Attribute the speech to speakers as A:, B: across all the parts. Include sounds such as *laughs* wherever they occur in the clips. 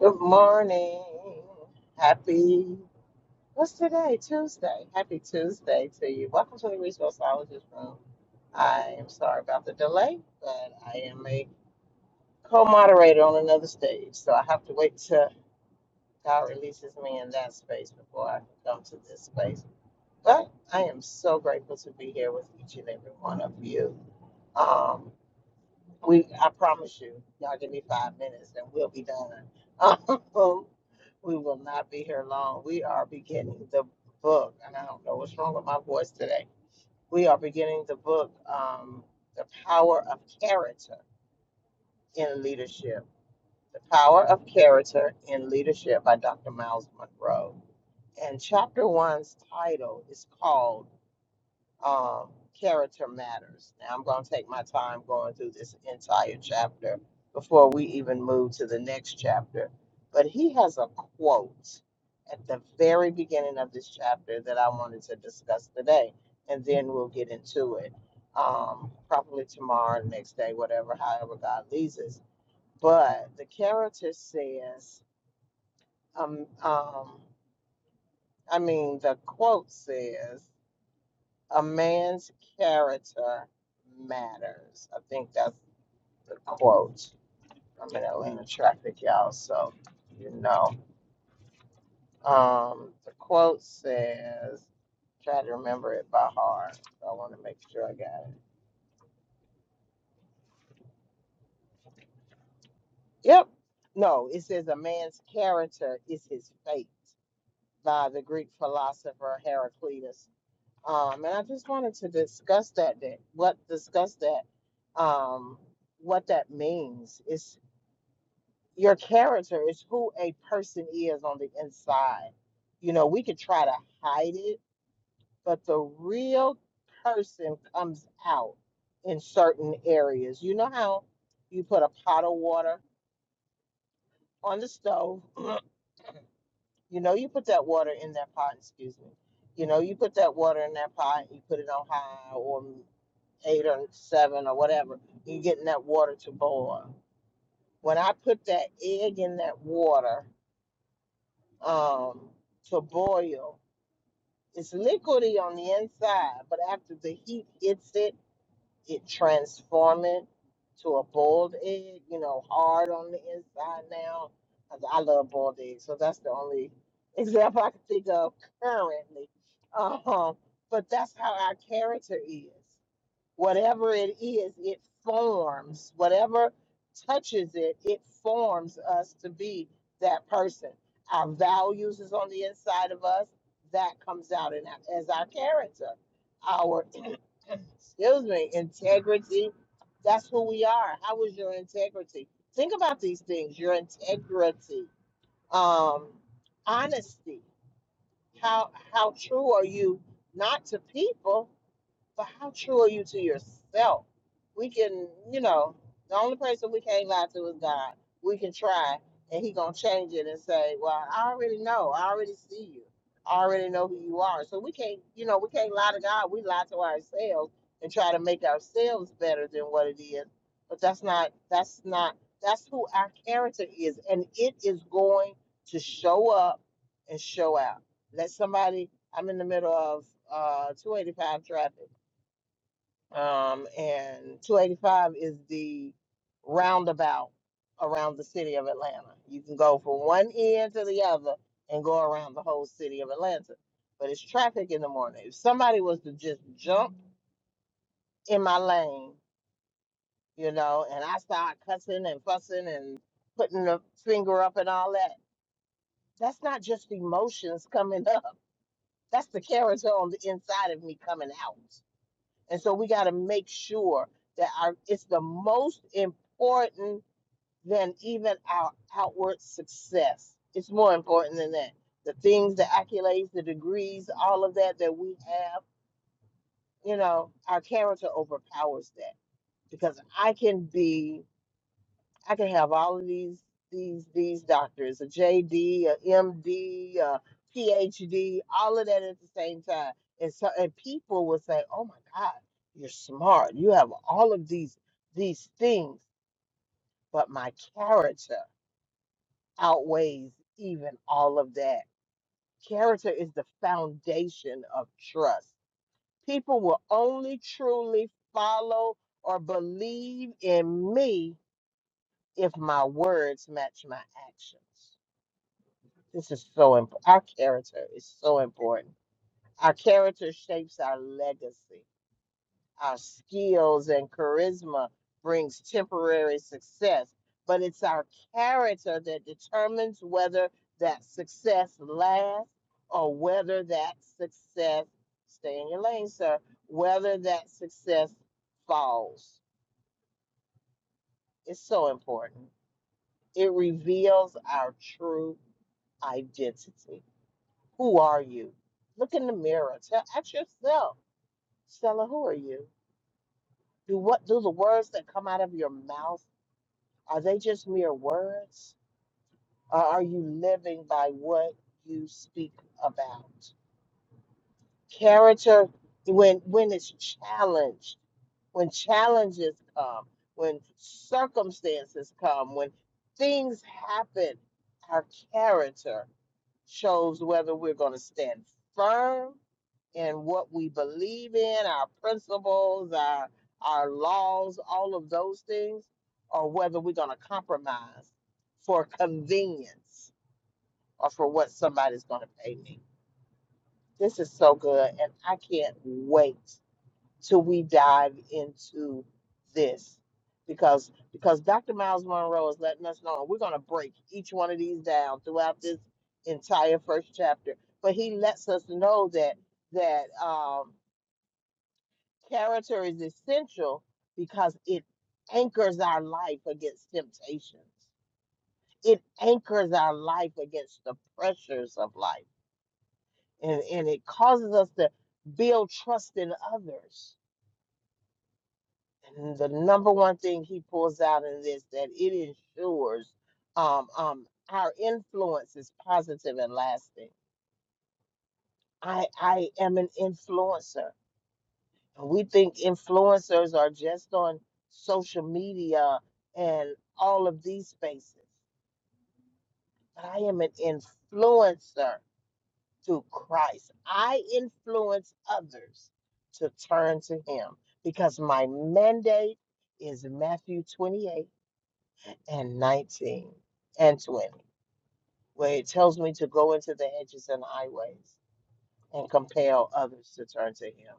A: Good morning. Happy, what's today? Tuesday. Happy Tuesday to you. Welcome to the Resourceologist Room. I am sorry about the delay, but I am a co moderator on another stage, so I have to wait till God releases me in that space before I can come to this space. But I am so grateful to be here with each and every one of you. Um, we, I promise you, y'all give me five minutes and we'll be done. *laughs* We will not be here long. We are beginning the book, and I don't know what's wrong with my voice today. We are beginning the book, um, The Power of Character in Leadership. The Power of Character in Leadership by Dr. Miles Monroe. And chapter one's title is called um, character matters. Now, I'm going to take my time going through this entire chapter before we even move to the next chapter. But he has a quote at the very beginning of this chapter that I wanted to discuss today, and then we'll get into it um, probably tomorrow, next day, whatever, however God leads us. But the character says, um, um, I mean, the quote says, a man's character matters. I think that's the quote. I'm in Atlanta traffic, y'all, so you know. Um, the quote says, try to remember it by heart. So I want to make sure I got it. Yep. No, it says a man's character is his fate by the Greek philosopher Heraclitus. Um, and I just wanted to discuss that, that what discuss that, um, what that means. It's your character is who a person is on the inside. You know, we could try to hide it, but the real person comes out in certain areas. You know how you put a pot of water on the stove, *clears throat* you know, you put that water in that pot, excuse me. You know, you put that water in that pot, you put it on high or eight or seven or whatever, you're getting that water to boil. When I put that egg in that water, um, to boil. It's liquidy on the inside, but after the heat hits it, it transforms it to a boiled egg, you know, hard on the inside now. 'cause I love boiled eggs, so that's the only example I can think of currently. Um, but that's how our character is whatever it is, it forms. Whatever touches it, it forms us to be that person. Our values is on the inside of us. That comes out in our, as our character. Our *clears throat* excuse me, integrity. That's who we are. How is your integrity? Think about these things. Your integrity, um, honesty. How how true are you not to people, but how true are you to yourself? We can, you know, the only person we can't lie to is God. We can try, and He gonna change it and say, "Well, I already know. I already see you. I already know who you are." So we can't, you know, we can't lie to God. We lie to ourselves and try to make ourselves better than what it is. But that's not. That's not. That's who our character is, and it is going to show up and show out. Let somebody. I'm in the middle of uh, 285 traffic um, and 285 is the roundabout around the city of Atlanta. You can go from one end to the other and go around the whole city of Atlanta. But it's traffic in the morning. If somebody was to just jump in my lane, you know, and I start cussing and fussing and putting the finger up and all that, that's not just emotions coming *laughs* up. That's the character on the inside of me coming out. And so we got to make sure that our it's the most important than even our outward success. It's more important than that. The things, the accolades, the degrees, all of that that we have, you know, our character overpowers that because I can be I can have all of these these these doctors, a JD, a MD, a PhD, all of that at the same time. And so and people will say, "Oh my God, you're smart. You have all of these these things, but my character outweighs even all of that." Character is the foundation of trust. People will only truly follow or believe in me if my words match my actions This is so important. Our character is so important. Our character shapes our legacy. Our skills and charisma brings temporary success, but it's our character that determines whether that success lasts or whether that success, stay in your lane, sir, whether that success falls. It's so important. It reveals our true identity. Who are you? Look in the mirror. Tell, ask yourself, Stella, who are you? Do what do the words that come out of your mouth are they just mere words? Or are you living by what you speak about? Character when when it's challenged, when challenges come, when circumstances come, when things happen, our character shows whether we're going to stand firm and what we believe in, our principles, our our laws, all of those things, or whether we're going to compromise for convenience or for what somebody's going to pay me. This is so good, and I can't wait till we dive into this because because Dr. Miles Monroe is letting us know, and we're going to break each one of these down throughout this entire first chapter. But he lets us know that that. Um, Character is essential because it anchors our life against temptations. It anchors our life against the pressures of life. And, and it causes us to build trust in others. And the number one thing he pulls out in this that it ensures um, um, our influence is positive and lasting. I, I am an influencer. we think influencers are just on social media and all of these spaces. But I am an influencer through Christ. I influence others to turn to Him because my mandate is Matthew 28 and 19 and 20, where it tells me to go into the hedges and highways and compel others to turn to Him.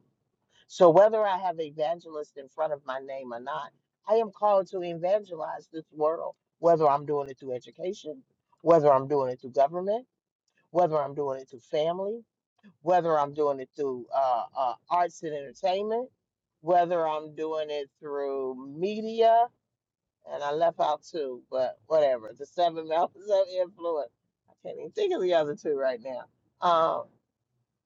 A: So whether I have evangelist in front of my name or not, I am called to evangelize this world, whether I'm doing it through education, whether I'm doing it through government, whether I'm doing it through family, whether I'm doing it through uh, uh, arts and entertainment, whether I'm doing it through media, and I left out two, but whatever, the seven mountains of influence. I can't even think of the other two right now. Um,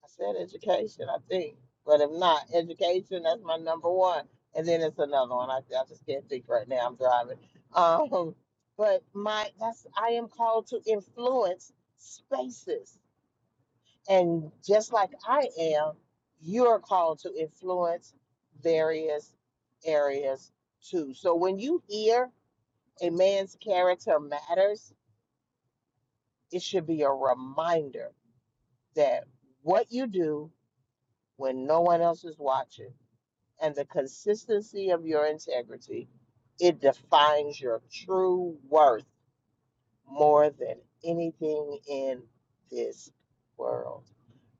A: I said education, I think. But if not, education, that's my number one. And then it's another one. I, I just can't think right now. I'm driving. *laughs* Um, but my that's I am called to influence spaces. And just like I am, you're called to influence various areas too. So when you hear a man's character matters, it should be a reminder that what you do when no one else is watching and the consistency of your integrity, it defines your true worth more than anything in this world.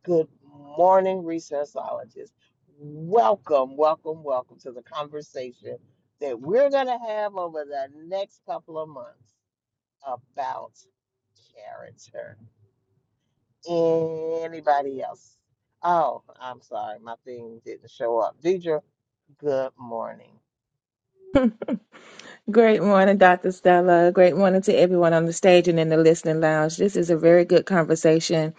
A: Good morning, researchologist. Welcome, welcome, welcome to the conversation that we're going to have over the next couple of months about character. Anybody else? Oh, I'm sorry, my thing didn't show up. Deidre, good morning.
B: *laughs* Great morning, Dr. Stella. Great morning to everyone on the stage and in the listening lounge. This is a very good conversation.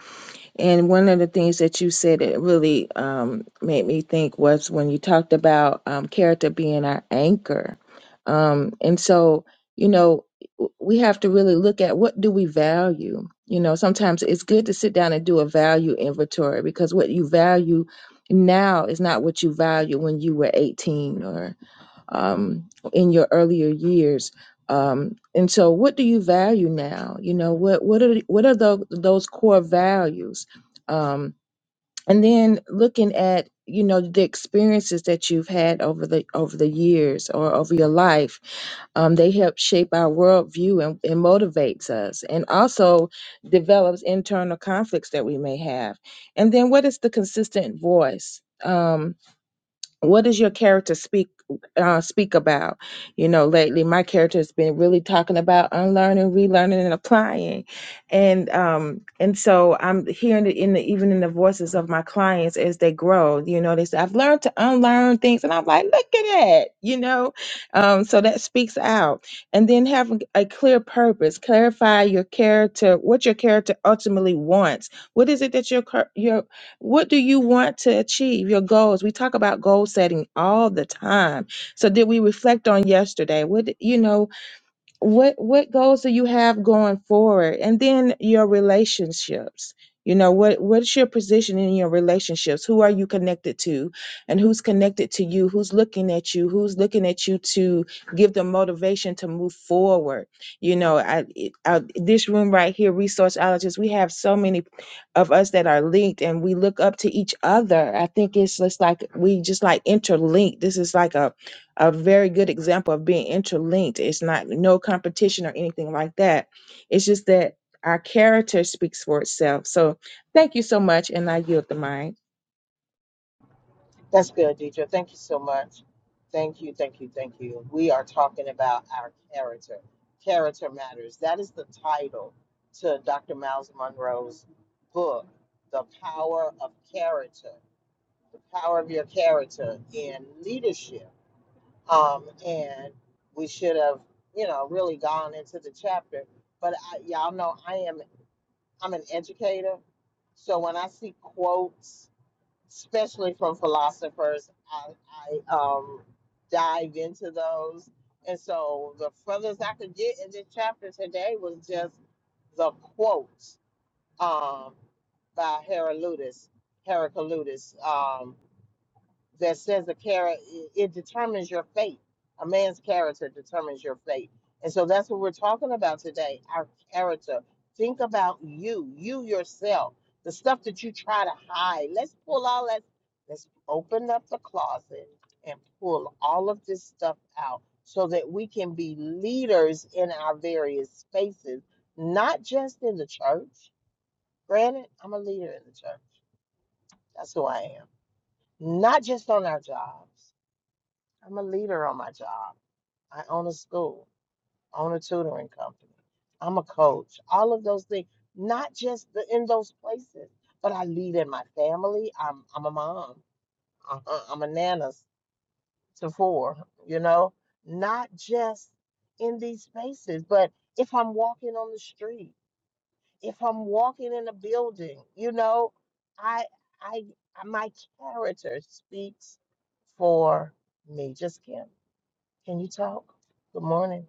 B: And one of the things that you said that really um, made me think was when you talked about um, character being our anchor. Um, and so, you know, w- we have to really look at what do we value. You know, sometimes it's good to sit down and do a value inventory because what you value now is not what you value when you were 18 um, in your earlier years. Um, and so, what do you value now? You know, what what are what are tho- those core values? Um, and then looking at you know the experiences that you've had over the over the years or over your life, um, they help shape our worldview and, and motivates us, and also develops internal conflicts that we may have. And then, what is the consistent voice? Um, what does your character speak uh, speak about? You know, lately my character has been really talking about unlearning, relearning, and applying, and um, and so I'm hearing it in the even in the voices of my clients as they grow. You know, they say I've learned to unlearn things, and I'm like, look at that, you know, um, so that speaks out. And then having a clear purpose, clarify your character, what your character ultimately wants. What is it that your char- your what do you want to achieve? Your goals. We talk about goal setting all the time. So did we reflect on yesterday? What you know? what what goals do you have going forward and then your relationships you know what what's your position in your relationships who are you connected to and who's connected to you who's looking at you who's looking at you to give them motivation to move forward you know i, it- I this room right here resourceologists we have so many of us that are linked and we look up to each other i think it's just like we just like interlinked this is like a a very good example of being interlinked. It's not no competition or anything like that. It's just that our character speaks for itself. So thank you so much, and I yield the mic.
A: That's good, Deidre. Thank you so much. Thank you, thank you, thank you. We are talking about our character. Character matters. That is the title to Dr. Miles Monroe's book, The Power of Character, the power of your character in leadership. Um, and we should have, you know, really gone into the chapter. But I, y'all know I am I'm an educator, so when I see quotes especially from philosophers. I, I um, dive into those. And so the furthest I could get in this chapter today was just the quote um, by Heraclitus, Heraclitus. Um, that says a character it determines your fate. A man's character determines your fate, and so that's what we're talking about today. Our character. Think about you, you yourself, the stuff that you try to hide. Let's pull all that. Let's open up the closet and pull all of this stuff out, so that we can be leaders in our various spaces, not just in the church. Granted, I'm a leader in the church. That's who I am. Not just on our jobs I'm a leader on my job. I own a school, own a tutoring company. I'm a coach. All of those things, not just the, in those places, but I lead in my family. I'm I'm a mom. Uh-huh. I'm a nana s- to four. You know, not just in these spaces, but if I'm walking on the street, if I'm walking in a building, you know, I I my character speaks for me. Just Kim. Can you talk? Good morning.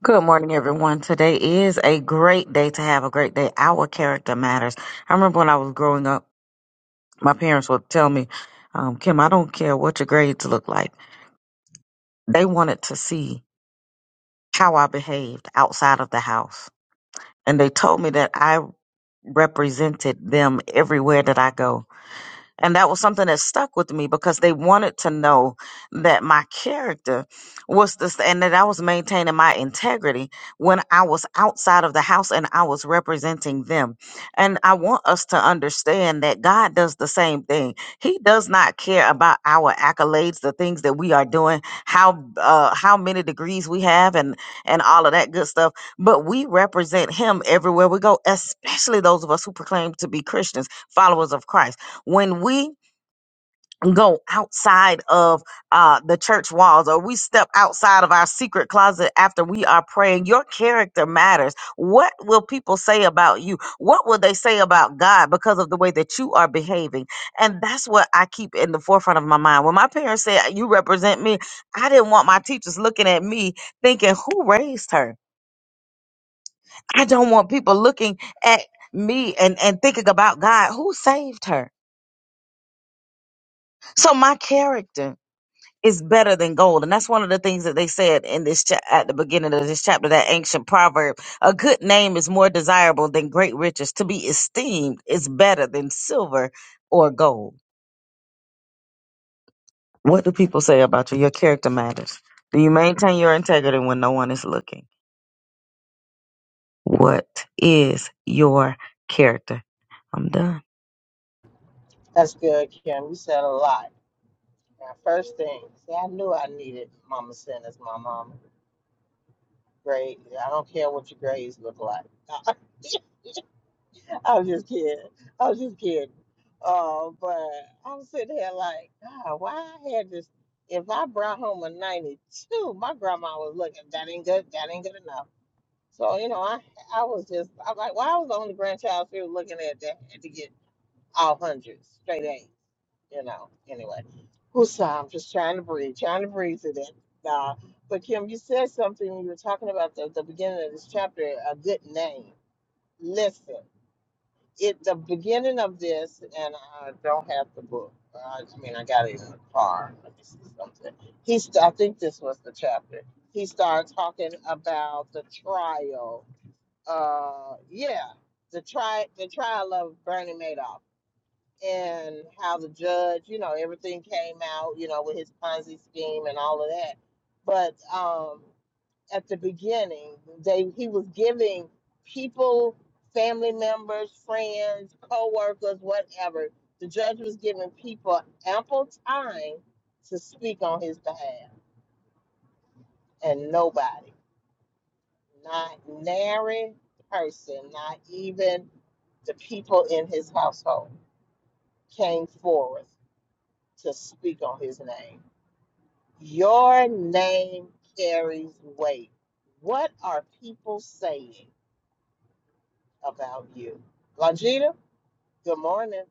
C: Good morning, everyone. Today is a great day to have a great day. Our character matters. I remember when I was growing up, my parents would tell me, um, Kim, I don't care what your grades look like. They wanted to see how I behaved outside of the house. And they told me that I represented them everywhere that I go And that was something that stuck with me because they wanted to know that my character was this and that I was maintaining my integrity when I was outside of the house and I was representing them. And I want us to understand that God does the same thing. He does not care about our accolades, the things that we are doing, how uh, how many degrees we have and and all of that good stuff, but we represent him everywhere we go, especially those of us who proclaim to be Christians, followers of Christ when we go outside of uh, the church walls or we step outside of our secret closet after we are praying, your character matters. What will people say about you? What will they say about God because of the way that you are behaving? And that's what I keep in the forefront of my mind. When my parents said, You represent me, I didn't want my teachers looking at me thinking, Who raised her? I don't want people looking at me and, and thinking about God, who saved her? So my character is better than gold. And that's one of the things that they said in this cha- at the beginning of this chapter, that ancient proverb. A good name is more desirable than great riches. To be esteemed is better than silver or gold. What do people say about you? Your character matters. Do you maintain your integrity when no one is looking? What is your character? I'm done.
A: That's good, Kim. You said a lot. Now, first thing, see, I knew I needed Mama Sin as my mama. Grade. I don't care what your grades look like. *laughs* I was just kidding. I was just kidding. Uh, but I'm sitting here like, God, why I had this? If I brought home a 92, my grandma was looking. That ain't good. That ain't good enough. So you know, I I was just I'm like, why I was the only grandchild she was looking at that to get. all hundreds, straight A's, you know, anyway. Who's I'm just trying to breathe, trying to breathe through that. Uh, but Kim, you said something when you were talking about the, the beginning of this chapter, a good name. Listen, it the beginning of this, and I don't have the book. Uh, I mean, I got it in the car. Let me see something. He, st- I think this was the chapter. He started talking about the trial. Uh, yeah, the tri the trial of Bernie Madoff and how the judge, you know, everything came out, you know, with his Ponzi scheme and all of that. But um, at the beginning, they he was giving people, family members, friends, co-workers, whatever. The judge was giving people ample time to speak on his behalf, and nobody, not nary person, not even the people in his household, came forth to speak on his name Your name carries weight. What are people saying about you? Longita, good morning.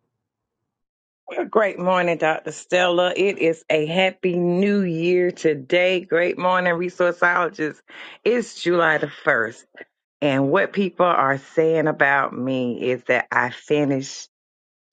D: Great morning, Dr. Stella. It is a happy new year today. Great morning, resourceologists. It's July the 1st. And what people are saying about me is that I finished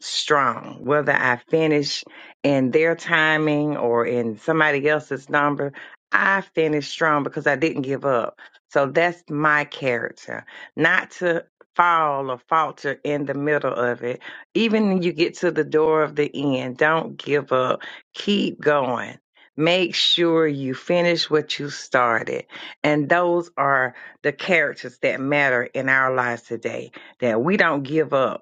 D: strong, whether I finish in their timing or in somebody else's number, I finish strong because I didn't give up. So that's my character, not to fall or falter in the middle of it. Even when you get to the door of the end, don't give up. Keep going. Make sure you finish what you started. And those are the characters that matter in our lives today, that we don't give up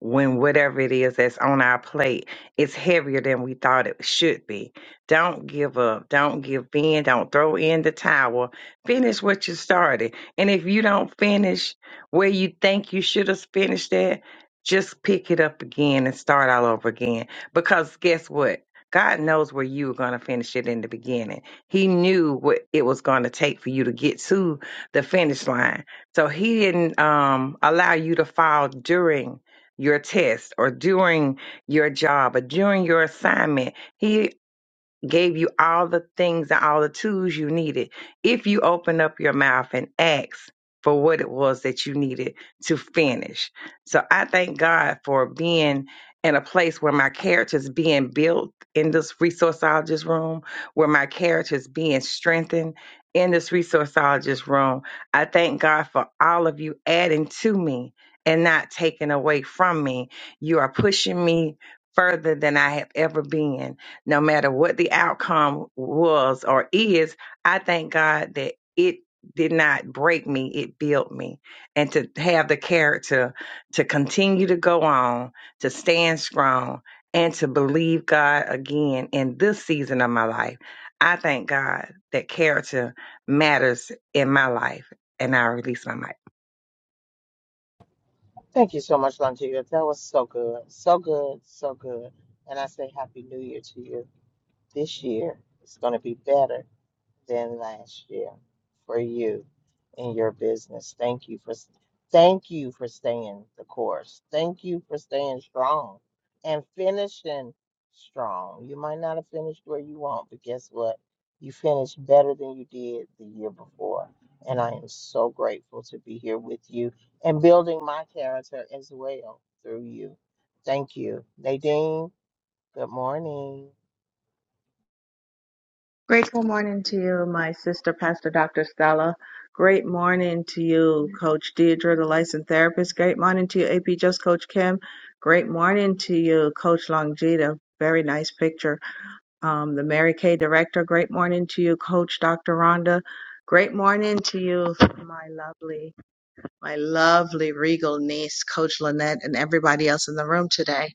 D: when whatever it is that's on our plate it's heavier than we thought it should be. Don't give up. Don't give in. Don't throw in the towel. Finish what you started. And if you don't finish where you think you should have finished at, just pick it up again and start all over again. Because guess what? God knows where you were going to finish it in the beginning. He knew what it was going to take for you to get to the finish line. So he didn't um, allow you to fall during your test or during your job or during your assignment. He gave you all the things and all the tools you needed. If you open up your mouth and ask for what it was that you needed to finish. So I thank God for being in a place where my character is being built in this resourceologist room, where my character is being strengthened in this resourceologist room. I thank God for all of you adding to me and not taking away from me. You are pushing me further than I have ever been no matter what the outcome was or is, I thank God that it did not break me, it built me. And to have the character to continue to go on, to stand strong, and to believe God again in this season of my life. I thank God that character matters in my life. And I release my mic.
A: Thank you so much, Longita. That was so good. So good. So good. And I say Happy New Year to you. This year it's going to be better than last year for you in your business. Thank you for thank you for staying the course. Thank you for staying strong and finishing strong. You might not have finished where you want, but guess what? You finished better than you did the year before. And I am so grateful to be here with you and building my character as well through you. Thank you. Nadine, good morning.
E: Grateful morning to you, my sister, Pastor Dr. Stella. Great morning to you, Coach Deidre, the licensed therapist. Great morning to you, AP Just Coach Kim. Great morning to you, Coach Longita. Very nice picture. Um, the Mary Kay director. Great morning to you, Coach Dr. Rhonda. Great morning to you, my lovely, my lovely regal niece, Coach Lynette, and everybody else in the room today.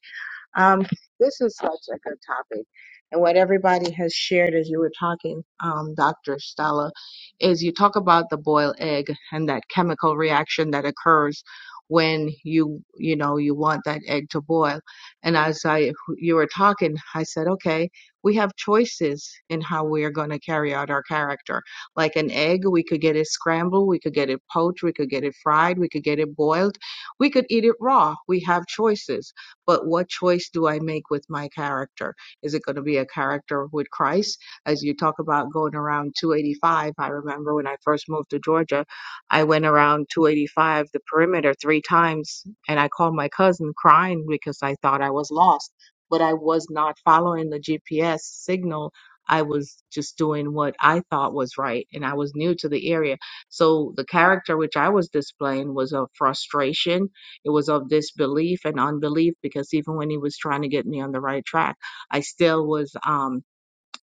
E: Um, this is such a good topic. And what everybody has shared as you were talking, um, Dr. Stella, is you talk about the boiled egg and that chemical reaction that occurs when you, you know, you want that egg to boil. And as I, you were talking, I said, okay, we have choices in how we are going to carry out our character. Like an egg, we could get it scrambled, we could get it poached, we could get it fried, we could get it boiled, we could eat it raw. We have choices but what choice do I make with my character? Is it going to be a character with Christ? As you talk about going around 285, I remember when I first moved to Georgia, I went around 285, the perimeter, three times, and I called my cousin crying because I thought I was lost, but I was not following the GPS signal. I was just doing what I thought was right, and I was new to the area. So the character which I was displaying was a frustration it was of disbelief and unbelief because even when he was trying to get me on the right track, I still was um,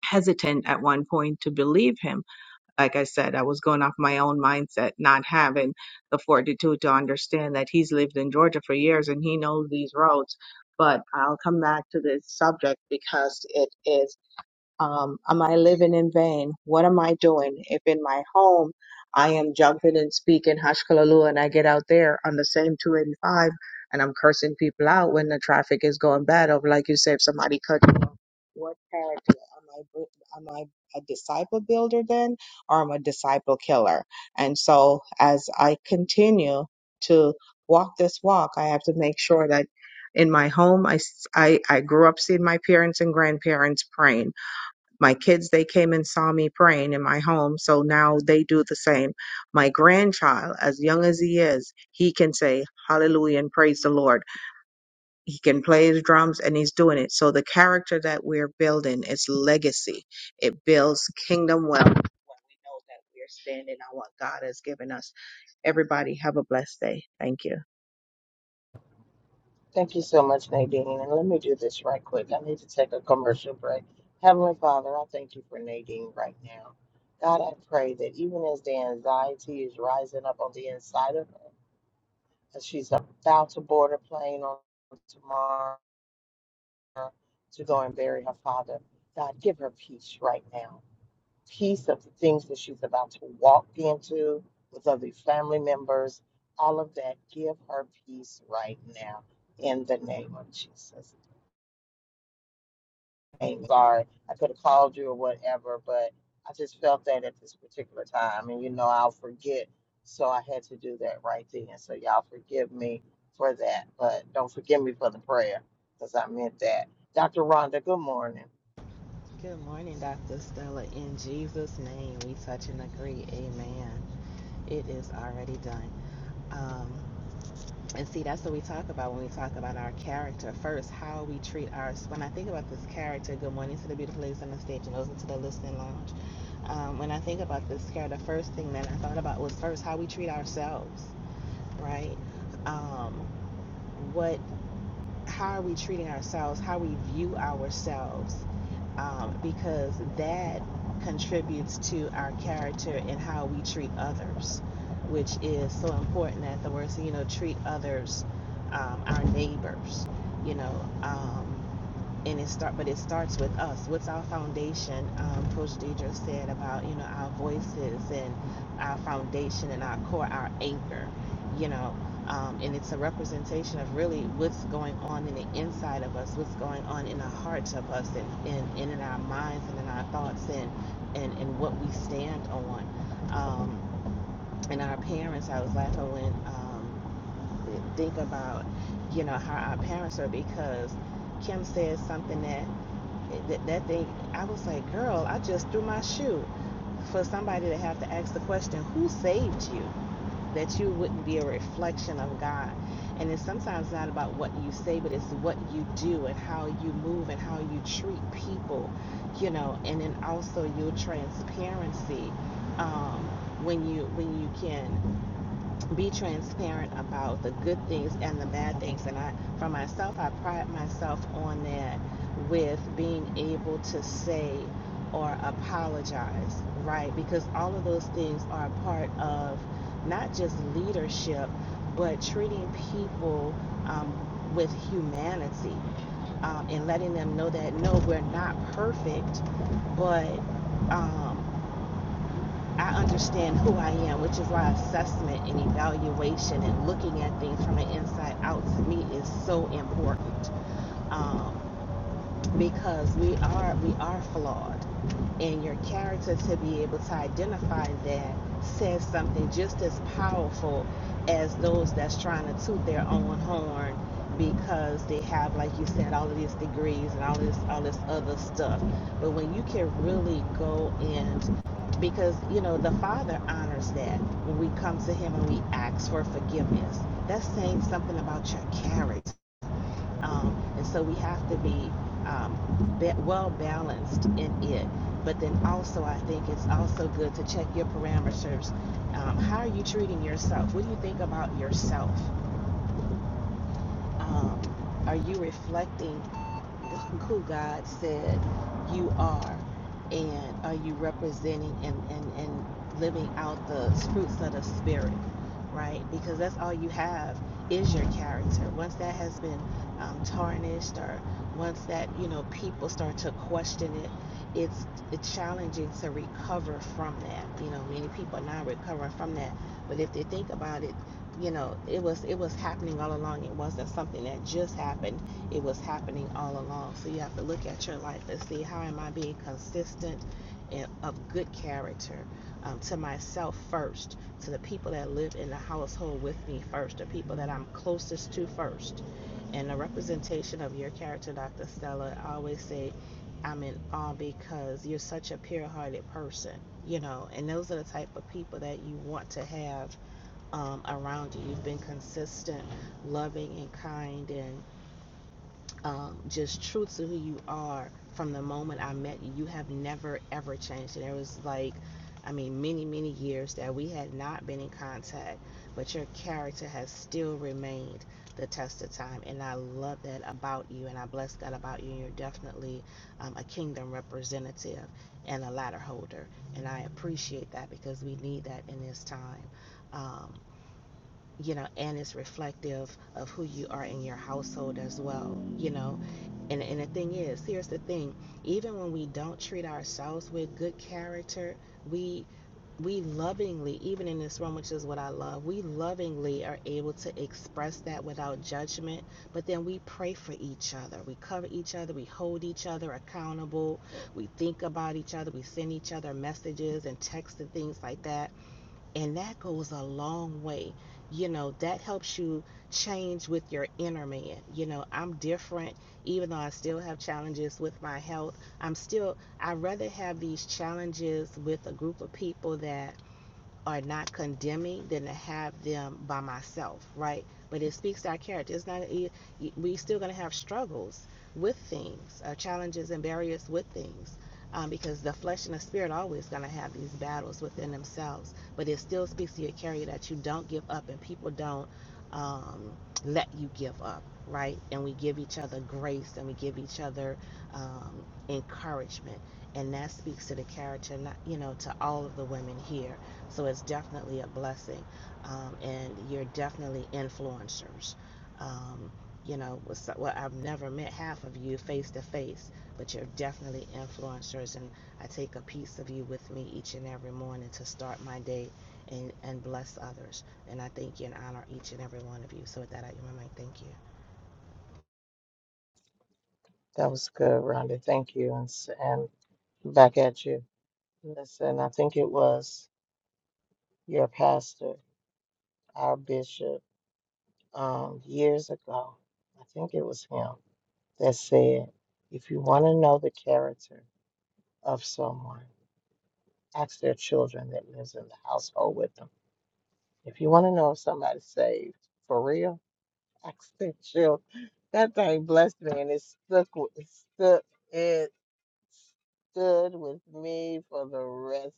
E: hesitant at one point to believe him. Like I said, I was going off my own mindset, not having the fortitude to understand that he's lived in Georgia for years and he knows these roads. But I'll come back to this subject because it is. Um, am I living in vain? What am I doing? If in my home I am jumping and speaking hashkalalua and I get out there on the same 285 and I'm cursing people out when the traffic is going bad, of like you said, if somebody cut you off, what character am I? Am I a disciple builder then, or am I a disciple killer? And so as I continue to walk this walk, I have to make sure that in my home, I s- I I grew up seeing my parents and grandparents praying. My kids, they came and saw me praying in my home, so now they do the same. My grandchild, as young as he is, he can say hallelujah and praise the Lord. He can play his drums and he's doing it. So the character that we're building is legacy. It builds kingdom wealth when we know that we're standing on what God has given us. Everybody have a blessed day. Thank you.
A: Thank you so much, Nadine. And let me do this right quick. I need to take a commercial break. Heavenly Father, I thank you for Nadine right now. God, I pray that even as the anxiety is rising up on the inside of her, as she's about to board a plane on tomorrow to go and bury her father, God, give her peace right now. Peace of the things that she's about to walk into with other family members, all of that. Give her peace right now in the name of Jesus. I'm sorry, I could have called you or whatever, but I just felt that at this particular time. And you know, I'll forget. So I had to do that right then. So y'all forgive me for that, but don't forgive me for the prayer because I meant that. Dr. Rhonda, good morning.
F: Good morning, Dr. Stella. In Jesus' name, we touch and agree. Amen. It is already done. Um, and see, that's what we talk about when we talk about our character first, how we treat our. When I think about this character, good morning to the beautiful ladies on the stage and those into the listening lounge. Um, when I think about this character, the first thing that I thought about was first how we treat ourselves, right? Um, what, how are we treating ourselves? How we view ourselves? um, because that contributes to our character and how we treat others, which is so important that the word, you know, treat others, um, our neighbors, you know. Um, and it start but it starts with us what's our foundation um, coach deidre said about you know our voices and our foundation and our core our anchor you know um, and it's a representation of really what's going on in the inside of us what's going on in the hearts of us and, and, and in our minds and in our thoughts and and, and what we stand on um, and our parents i was laughing when um, think about you know how our parents are because kim says something that that, that thing i was like girl i just threw my shoe for somebody to have to ask the question who saved you that you wouldn't be a reflection of god and it's sometimes not about what you say but it's what you do and how you move and how you treat people you know and then also your transparency um, when you when you can be transparent about the good things and the bad things. And I, for myself, I pride myself on that with being able to say or apologize, right? Because all of those things are a part of not just leadership, but treating people um, with humanity um, and letting them know that no, we're not perfect, but. Um, I understand who I am, which is why assessment and evaluation and looking at things from the inside out to me is so important. Um, because we are we are flawed and your character to be able to identify that says something just as powerful as those that's trying to toot their own horn because they have like you said all of these degrees and all this all this other stuff but when you can really go and because you know the father honors that when we come to him and we ask for forgiveness that's saying something about your character um, and so we have to be um, ba- well balanced in it. But then also, I think it's also good to check your parameters. Um, how are you treating yourself? What do you think about yourself? Um, are you reflecting? who God said you are, and are you representing and, and, and living out the fruits of the Spirit, right? Because that's all you have is your character. Once that has been um, tarnished, or once that you know people start to question it, it's, it's challenging to recover from that. You know, many people are not recovering from that, but if they think about it, you know, it was it was happening all along. It wasn't something that just happened it was happening all along. So you have to look at your life and see how am I being consistent and of good character um, to myself first, to the people that live in the household with me first, the people that I'm closest to first. And the representation of your character, Dr. Stella, I always say I'm in awe because you're such a pure hearted person, you know, and those are the type of people that you want to have um, around you. You've been consistent, loving, and kind, and um, just true to who you are from the moment I met you. You have never ever changed. And it was like, I mean, many, many years that we had not been in contact, but your character has still remained the test of time. And I love that about you. And I bless that about you. And you're definitely um, a kingdom representative and a ladder holder. And I appreciate that because we need that in this time. Um, you know, and it's reflective of who you are in your household as well, you know. And, and the thing is, here's the thing: even when we don't treat ourselves with good character, we we lovingly, even in this room, which is what I love, we lovingly are able to express that without judgment. But then we pray for each other. We cover each other. We hold each other accountable. We think about each other. We send each other messages and texts and things like that and that goes a long way. You know, that helps you change with your inner man. You know, I'm different, even though I still have challenges with my health. I'm still, I rather have these challenges with a group of people that are not condemning than to have them by myself, right? But it speaks to our character. It's not you- you- we still going to have struggles with things, uh, challenges and barriers with things, um, because the flesh and the spirit are always going to have these battles within themselves. But it still speaks to your character that you don't give up, and people don't um, let you give up, right? And we give each other grace, and we give each other um, encouragement, and that speaks to the character, not you know, to all of the women here so it's definitely a blessing. Um, and you're definitely influencers. Um, you know, so- well, I've never met half of you face to face, but you're definitely influencers. And I take a piece of you with me each and every morning to start my day and, and bless others. And I thank you and honor each and every one of you. So with that, I, give my mic. thank you.
A: That was good, Rhonda. Thank you. And, s- and back at you. Listen, I think it was your pastor, our bishop, um, years ago. I think it was him that said, if you want to know the character, of someone. Ask their children that lives in the household with them. If you want to know if somebody's saved for real, *laughs* ask their children. That thing blessed me and it stuck with it stuck it stood with me for the rest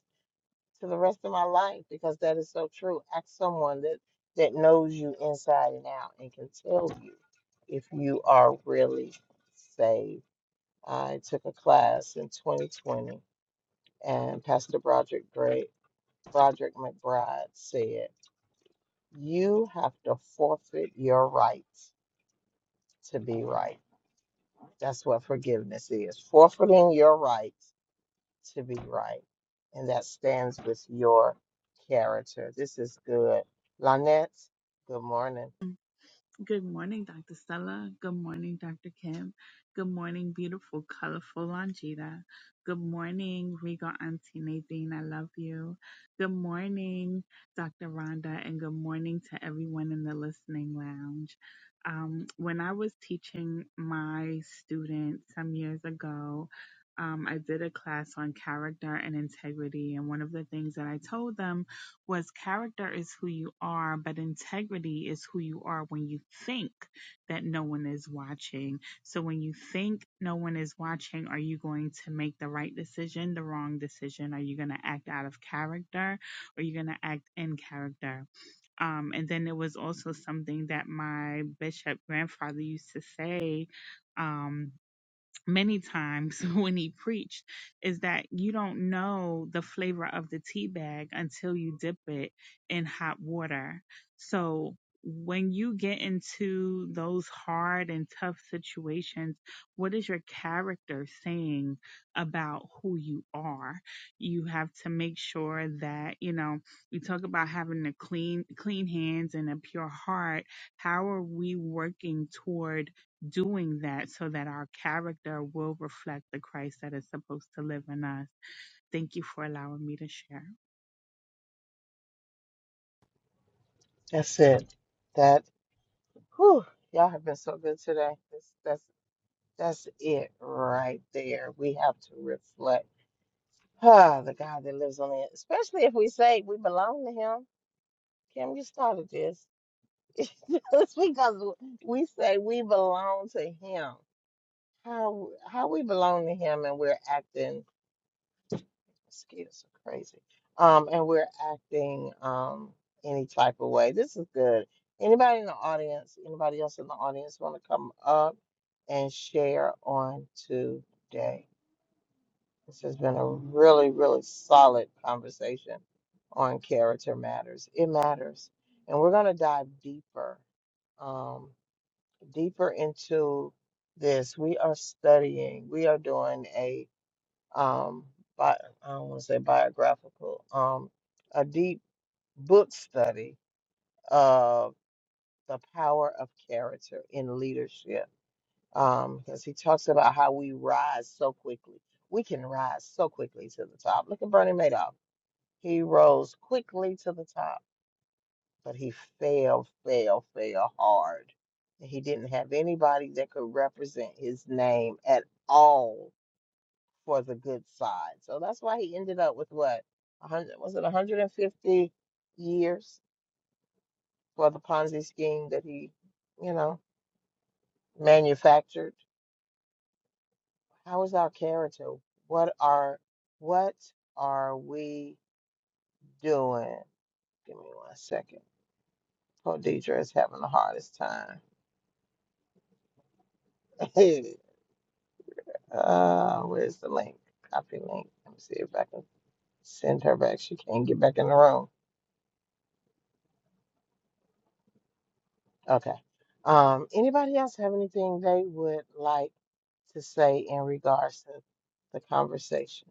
A: to the rest of my life because that is so true. Ask someone that that knows you inside and out and can tell you if you are really saved. I took a class in 2020 and Pastor Broderick Gray Broderick McBride said, You have to forfeit your rights to be right. That's what forgiveness is forfeiting your rights to be right. And that stands with your character. This is good. Lynette, good morning.
G: Good morning, Dr. Stella. Good morning, Dr. Kim. Good morning, beautiful, colorful Longita. Good morning, Regal Auntie Nadine. I love you. Good morning, Dr. Rhonda, and good morning to everyone in the listening lounge. Um, when I was teaching my students some years ago, um, I did a class on character and integrity. And one of the things that I told them was character is who you are, but integrity is who you are when you think that no one is watching. So when you think no one is watching, are you going to make the right decision, the wrong decision? Are you going to act out of character or are you going to act in character? Um, and then it was also something that my bishop grandfather used to say. Um, many times *laughs* when he preached is that you don't know the flavor of the tea bag until you dip it in hot water. So when you get into those hard and tough situations, what is your character saying about who you are? You have to make sure that, you know, you talk about having a clean clean hands and a pure heart. How are we working toward doing that so that our character will reflect the Christ that is supposed to live in us. Thank you for allowing me to share.
A: That's it. That, whew, y'all have been so good today. That's, that's, that's it right there. We have to reflect. Ah, the God that lives on the, especially if we say we belong to Him Kim, you started this. *laughs* Just because we say we belong to him. How how we belong to him and we're acting mosquitoes are crazy. Um and we're acting um any type of way. This is good. Anybody in the audience, anybody else in the audience want to come up and share on today? This has been a really, really solid conversation on character matters. It matters. And we're gonna dive deeper Um. deeper into this, we are studying, we are doing a um bi- I don't want to say biographical, um a deep book study of the power of character in leadership. Um, because he talks about how we rise so quickly. We can rise so quickly to the top. Look at Bernie Madoff. He rose quickly to the top but he failed, failed, failed hard. He didn't have anybody that could represent his name at all for the good side. So that's why he ended up with what? 100 was it 150 years for the Ponzi scheme that he, you know, manufactured. How is our character? What are what are we doing? Give me one second. Poor Deidre is having the hardest time. *laughs* Uh, where's the link? Copy link. Let me see if I can send her back. She can't get back in the room. Okay. Um, anybody else have anything they would like to say in regards to the conversation?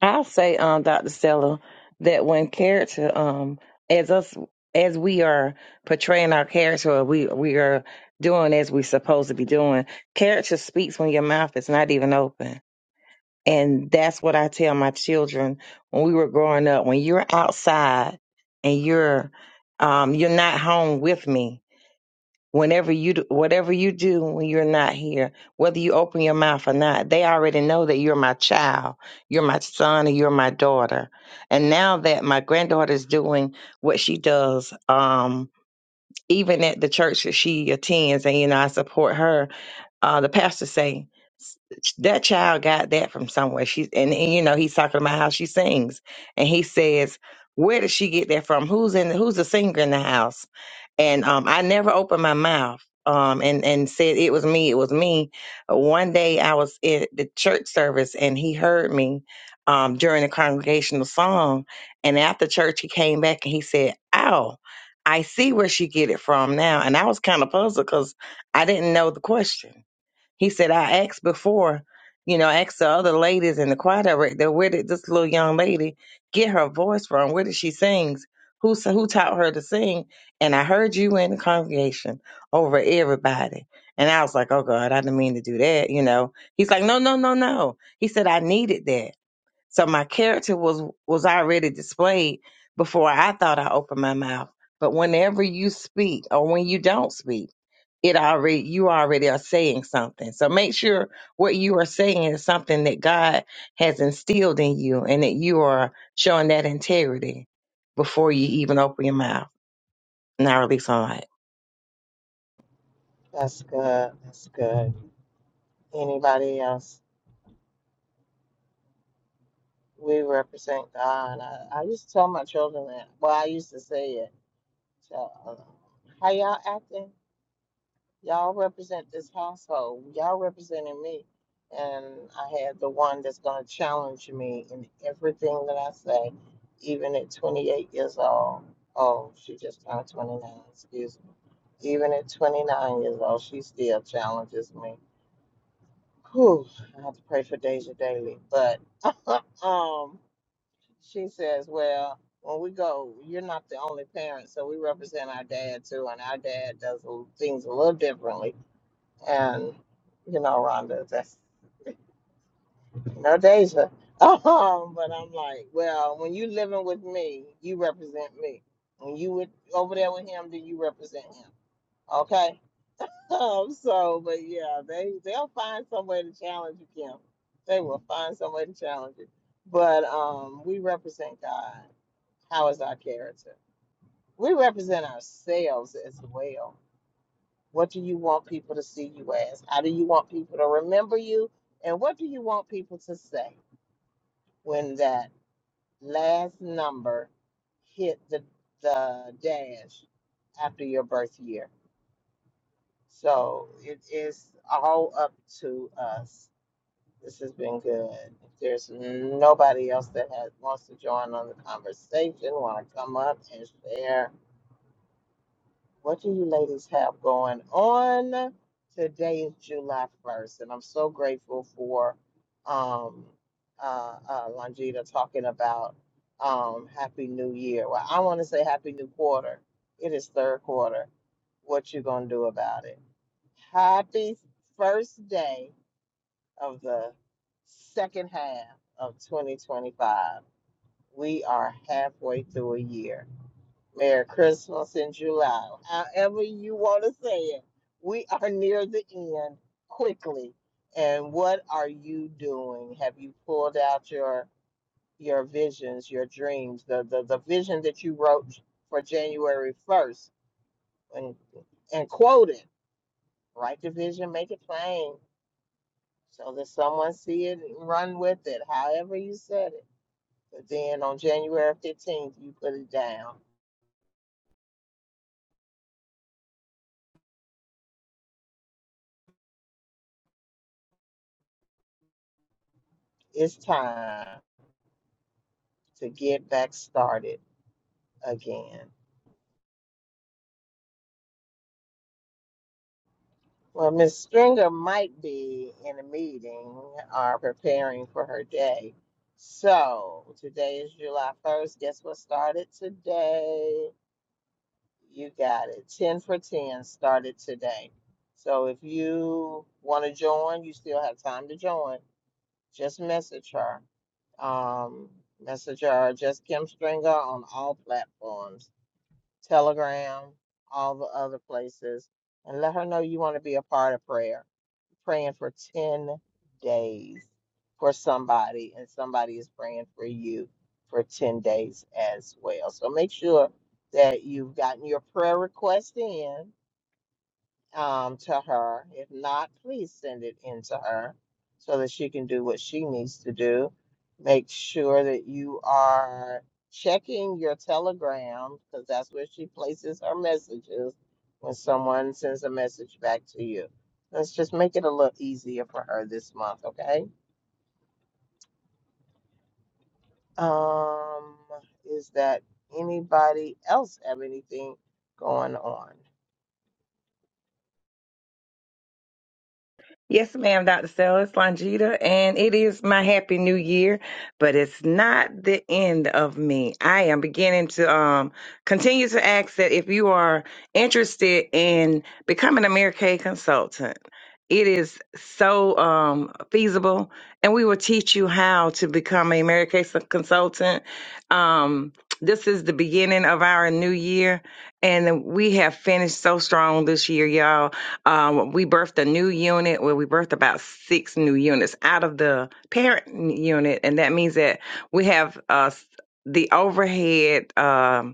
D: I'll say, um, Dr. Stella, that when character, um, as us, as we are portraying our character, or we we are doing as we're supposed to be doing. Character speaks when your mouth is not even open, and that's what I tell my children when we were growing up. When you're outside and you're, um, you're not home with me whenever you do, whatever you do when you're not here whether you open your mouth or not they already know that you're my child you're my son and you're my daughter and now that my granddaughter is doing what she does um even at the church that she attends and you know i support her uh, the pastor say "S- that child got that from somewhere. She's and, and you know he's talking about how she sings, and he says, "Where did she get that from? Who's in? Who's the singer in the house?" And um, I never opened my mouth um, and and said it was me. It was me. One day I was at the church service, and he heard me um, during the congregational song. And after church, he came back and he said, "Ow." I see where she get it from now, and I was kind of puzzled because I didn't know the question he said, I asked before, you know, I asked the other ladies in the choir director, where did this little young lady get her voice from? Where did she sing? Who, s- who taught her to sing? And I heard you in the congregation over everybody. And I was like, oh God, I didn't mean to do that, you know. He's like, no, no, no, no. He said, I needed that. So my character was was already displayed before I thought I opened my mouth. But whenever you speak or when you don't speak, it already you already are saying something. So make sure what you are saying is something that God has instilled in you and that you are showing that integrity before you even open your mouth. Now release on life.
A: That's good. That's good. Anybody else? We represent God. I, I used to tell my children that. Well, I used to say it. So, uh, how y'all acting? Y'all represent this household. Y'all representing me. And I had the one that's going to challenge me in everything that I say, even at 28 years old. Oh, she just turned 29, excuse me. Even at 29 years old, she still challenges me. Whew, I have to pray for Deja daily. But um, she says, well, when we go, you're not the only parent, so we represent our dad too, and our dad does l- things a little differently and you know, Rhonda, that's no Deja. *laughs* Um, but I'm like, well, when you living with me, you represent me. When you with over there with him, then you represent him. Okay. *laughs* Um, so, but yeah, they they'll find some way to challenge you, Kim. They will find some way to challenge you. But um, we represent God. How is our character? We represent ourselves as well. What do you want people to see you as? How do you want people to remember you? And what do you want people to say when that last number hit the, the dash after your birth year? So it is all up to us. This has been good. If there's nobody else that has, wants to join on the conversation, want to come up and share, What do you ladies have going on? Today is July 1st, and I'm so grateful for um, uh, uh, Longita talking about um, Happy New Year. Well, I want to say Happy New Quarter. It is third quarter. What you gonna do about it? Happy first day of the second half of 2025. We are halfway through a year Merry Christmas in July. However you want to say it, we are near the end quickly. And what are you doing? Have you pulled out your your visions, your dreams, the the, the vision that you wrote for January first and and quoted? Write the vision, make it plain so that someone see it and run with it, however you said it. But then on January fifteenth you put it down. It's time to get back started again. Well, Miss Stringer might be in a meeting or preparing for her day. So today is July 1st. Guess what started today? You got it. 10 for 10 started today. So if you want to join, you still have time to join. Just message her. Um, message her, just Kim Stringer on all platforms Telegram, all the other places, and let her know you want to be a part of prayer. Praying for 10 days for somebody, and somebody is praying for you for 10 days as well. So make sure that you've gotten your prayer request in um, to her. If not, please send it in to her so that she can do what she needs to do. Make sure that you are checking your telegram because that's where she places her messages when someone sends a message back to you. Let's just make it a little easier for her this month, okay? Um, is that anybody else have anything going on?
D: Yes, ma'am, Dr. Stella. It's Longita, and it is my happy new year, but it's not the end of me. I am beginning to um, continue to ask that if you are interested in becoming a Medicaid consultant, it is so um, feasible, and we will teach you how to become a Medicaid consultant. Um, this is the beginning of our new year, and we have finished so strong this year, y'all um, we birthed a new unit where we birthed about six new units out of the parent unit, and that means that we have uh, the overhead. um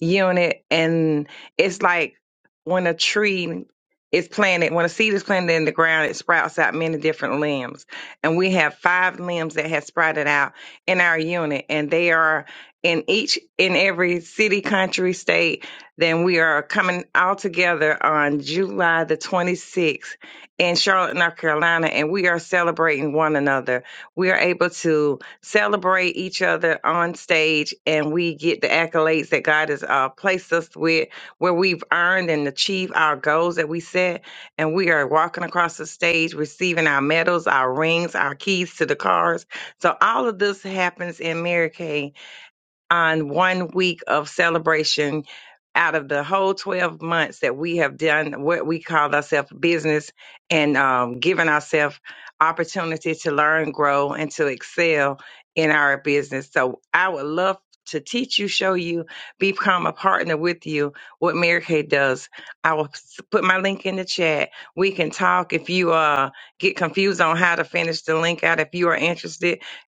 D: unit and it's like when a tree is planted when a seed is planted in the ground it sprouts out many different limbs and we have five limbs that have sprouted out in our unit and they are in each in every city country state then we are coming all together on july the 26th in charlotte north carolina and we are celebrating one another we are able to celebrate each other on stage, and we get the accolades that God has uh, placed us with, where we've earned and achieved our goals that we set. And we are walking across the stage, receiving our medals, our rings, our keys to the cars. So all of this happens in Mary Kay on one week of celebration out of the whole 12 months that we have done what we call ourselves business and um, given ourselves opportunity to learn grow and to excel in our business so i would love to teach you show you become a partner with you what mary kay does i will s- put my link in the chat we can talk if you uh get confused on how to finish the link out if you are interested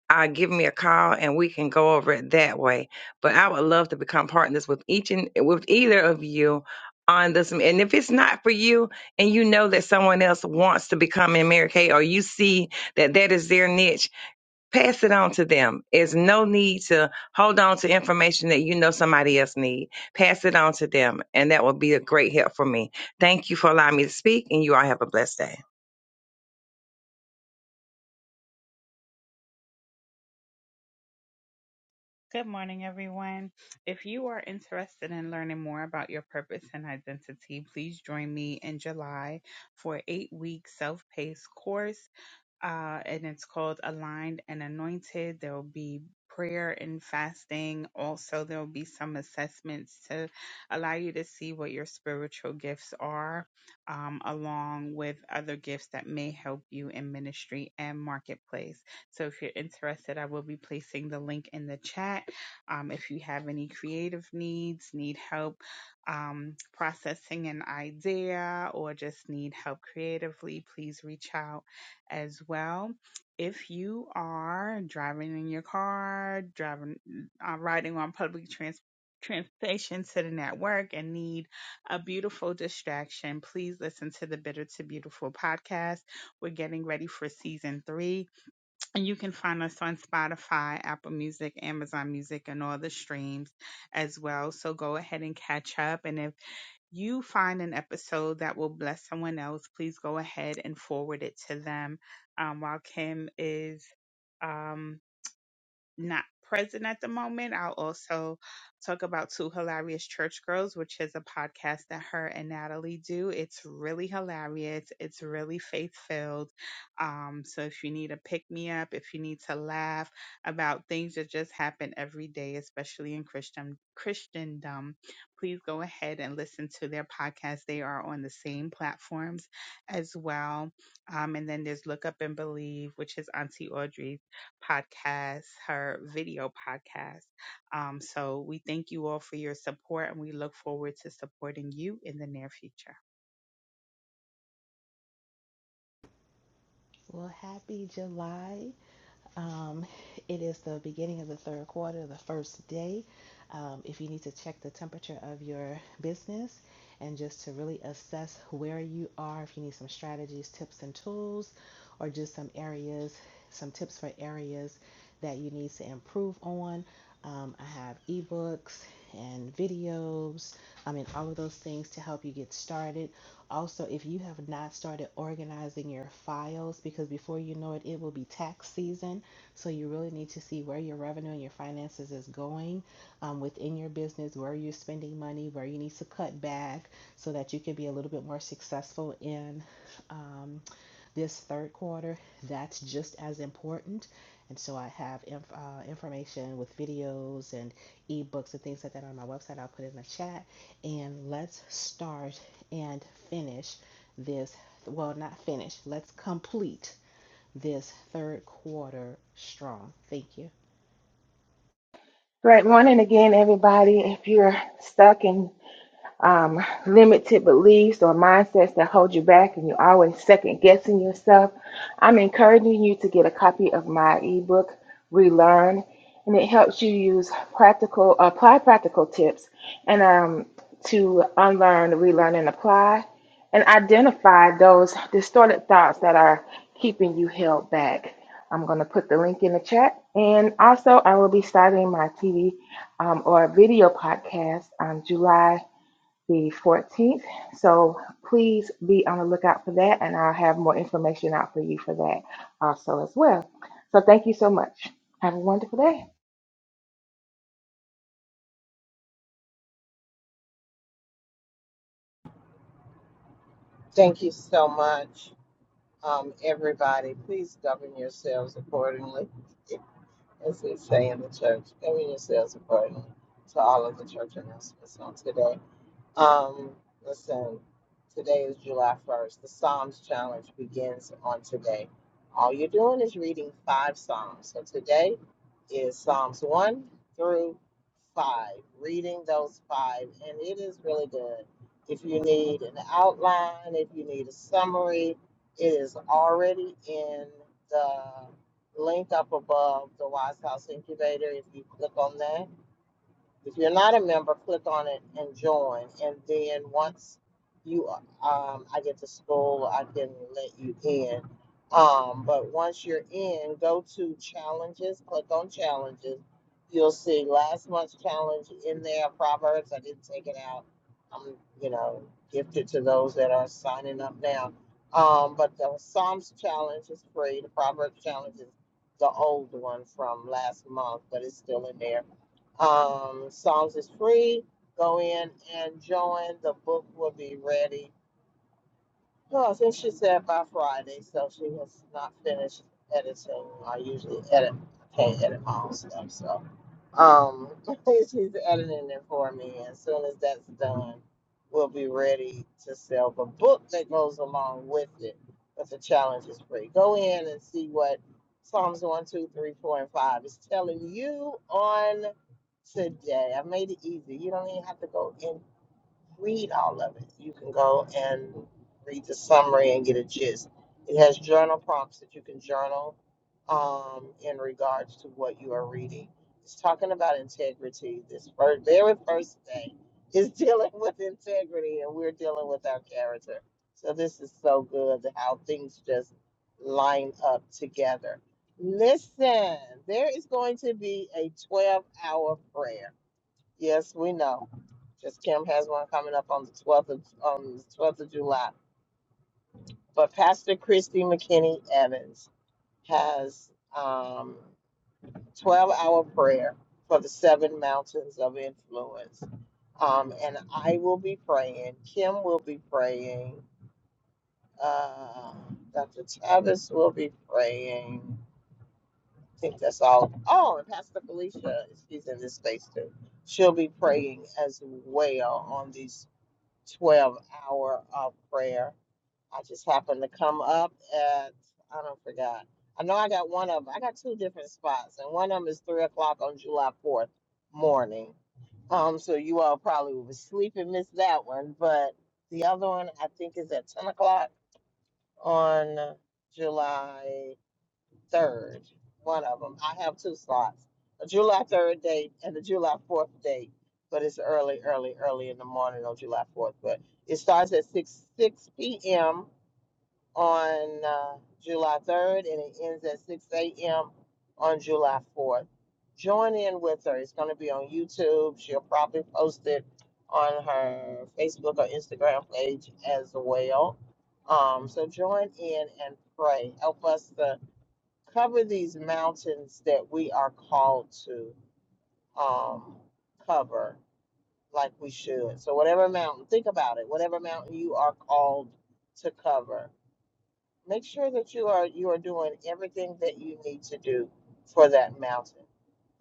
D: uh, give me a call and we can go over it that way. But I would love to become partners with each and with either of you on this. And if it's not for you, and you know that someone else wants to become an Mary Kay, or you see that that is their niche, pass it on to them. There's no need to hold on to information that you know somebody else need. Pass it on to them, and that will be a great help for me. Thank you for allowing me to speak, and you all have a blessed day.
G: Good morning, everyone. If you are interested in learning more about your purpose and identity, please join me in July for an eight week self paced course uh, and it's called Aligned and Anointed. There will be prayer and fasting. Also, there will be some assessments to allow you to see what your spiritual gifts are, um, along with other gifts that may help you in ministry and marketplace. So, if you're interested, I will be placing the link in the chat. Um, if you have any creative needs, need help um, processing an idea, or just need help creatively, please reach out as well. If you are driving in your car, driving, uh, riding on public trans- transportation, sitting at work, and need a beautiful distraction, please listen to the Bitter to Beautiful podcast. We're getting ready for season three, and you can find us on Spotify, Apple Music, Amazon Music, and all the streams as well. So go ahead and catch up. And if you find an episode that will bless someone else, please go ahead and forward it to them. Um, while Kim is um, not present at the moment. I'll also talk about Two Hilarious Church Girls, which is a podcast that her and Natalie do. It's really hilarious. It's really faith filled. Um, so if you need a pick me up, if you need to laugh about things that just happen every day, especially in Christian Christendom, please go ahead and listen to their podcast. They are on the same platforms as well. Um, and then there's Look Up and Believe, which is Auntie Audrey's podcast, her video podcast. Um, so we thank you all for your support and we look forward to supporting you in the near future.
F: Well, happy July. Um, it is the beginning of the third quarter, the first day. Um, if you need to check the temperature of your business and just to really assess where you are, if you need some strategies, tips, and tools, or just some areas, some tips for areas that you need to improve on, um, I have ebooks and videos. I mean, all of those things to help you get started. Also, if you have not started organizing your files, because before you know it, it will be tax season so you really need to see where your revenue and your finances is going um, within your business, where you're spending money, where you need to cut back so that you can be a little bit more successful in um, this third quarter. That's just as important. And so I have inf- uh, information with videos and ebooks and things like that on my website. I'll put it in the chat. And let's start and finish this. Well, not finish, let's complete this third quarter strong. Thank you.
B: Great morning again, everybody. If you're stuck and um, limited beliefs or mindsets that hold you back and you're always second guessing yourself, I'm encouraging you to get a copy of my ebook, Relearn, and it helps you use practical, apply practical tips and um, to unlearn, relearn, and apply and identify those distorted thoughts that are keeping you held back. I'm going to put the link in the chat. And also, I will be starting my TV um, or video podcast the 14th. So please be for that, and I'll have more information out for you for that also as well. So thank you so much. Have a wonderful day.
A: Thank you so much. Um, everybody, please govern yourselves accordingly, as we say in the church. Govern yourselves accordingly to all of the church announcements on today. Um, listen, today is July 1st. The Psalms Challenge begins on today. All you're doing is reading five Psalms. So today is Psalms 1 through 5, reading those five, and it is really good. If you need an outline, if you need a summary, it is already in the link up above the Wise House Incubator. If you click on that, if you're not a member, click on it and join. And then once you, um, I get to school, I can let you in. Um, but once you're in, go to challenges, click on challenges. You'll see last month's challenge in there, Proverbs. I didn't take it out. I'm, you know, gifted to those that are signing up now. Um, but the Psalms challenge is free. The Proverbs challenge is the old one from last month, but it's still in there um, Psalms is free. Go in and join. The book will be ready. Well, I think she said by Friday, so she has not finished editing. I usually edit, I can't edit my own stuff, so. Um, *laughs* she's editing it for me. As soon as that's done, we'll be ready to sell the book that goes along with it. But the challenge is free. Go in and see what Psalms one, 2, 3, 4, and 5 is telling you on today. I made it easy. You don't even have to go in read all of it. You can go and read the summary and get a gist. It has journal prompts that you can journal um, in regards to what you are reading. It's talking about integrity. This first, very first thing is *laughs* dealing with integrity, and we're dealing with our character. So this is so good how things just line up together. Listen, there is going to be a 12 hour prayer Yes, we know. Just Kim has one coming up on the 12th of, on the 12th of July. But Pastor Christy McKinney Evans has um, 12 hour prayer for the seven mountains of influence. Um, and I will be praying. Kim will be praying. Uh, Dr. Travis will be praying. I think that's all. Oh, and Pastor Felicia, she's in this space too. She'll be praying as well on these 12 hour of prayer. I just happened to come up at, I don't forgot. I know I got one of them. I got two different spots, and one of them is 3 o'clock on July 4th morning. Um, so you all probably will sleep and miss that one, but the other one I think is at 10 o'clock on July. 3rd, one of them. I have two slots a July 3rd date and a July 4th date, but it's early, early, early in the morning on July 4th. But it starts at 6, 6 p.m. on uh, July 3rd and it ends at 6 a.m. on July 4th. Join in with her. It's going to be on YouTube. She'll probably post it on her Facebook or Instagram page as well. Um, so join in and pray. Help us to cover these mountains that we are called to um, cover like we should. So, whatever mountain, think about it, whatever mountain you are called to cover, make sure that you are you are doing everything that you need to do for that mountain.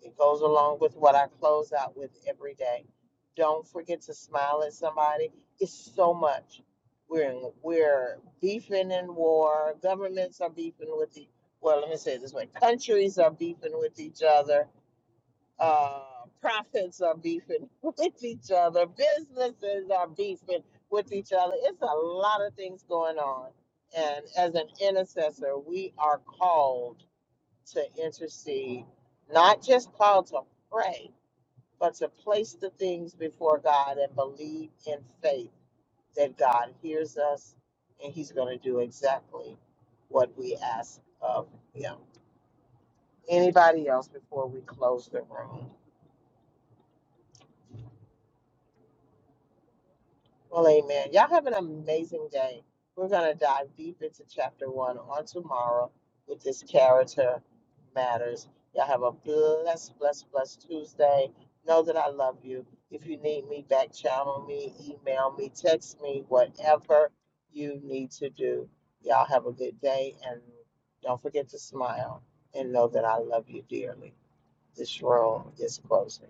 A: It goes along with what I close out with every day. Don't forget to smile at somebody. It's so much. We're in, we're beefing in war. Governments are beefing with the well. Let me say it this way: countries are beefing with each other uh, profits are beefing *laughs* with each other, businesses are beefing with each other. It's a lot of things going on. And as an intercessor, we are called to intercede, not just called to pray, but to place the things before God and believe in faith that God hears us and He's going to do exactly what we ask of Him. Anybody else before we close the room? Well, amen. Y'all have an amazing day. We're going to dive deep into chapter one on tomorrow with this character matters. Y'all have a blessed, blessed, blessed Tuesday. Know that I love you. If you need me, back channel me, email me, text me, whatever you need to do. Y'all have a good day and don't forget to smile and know that I love you dearly. This room is closing.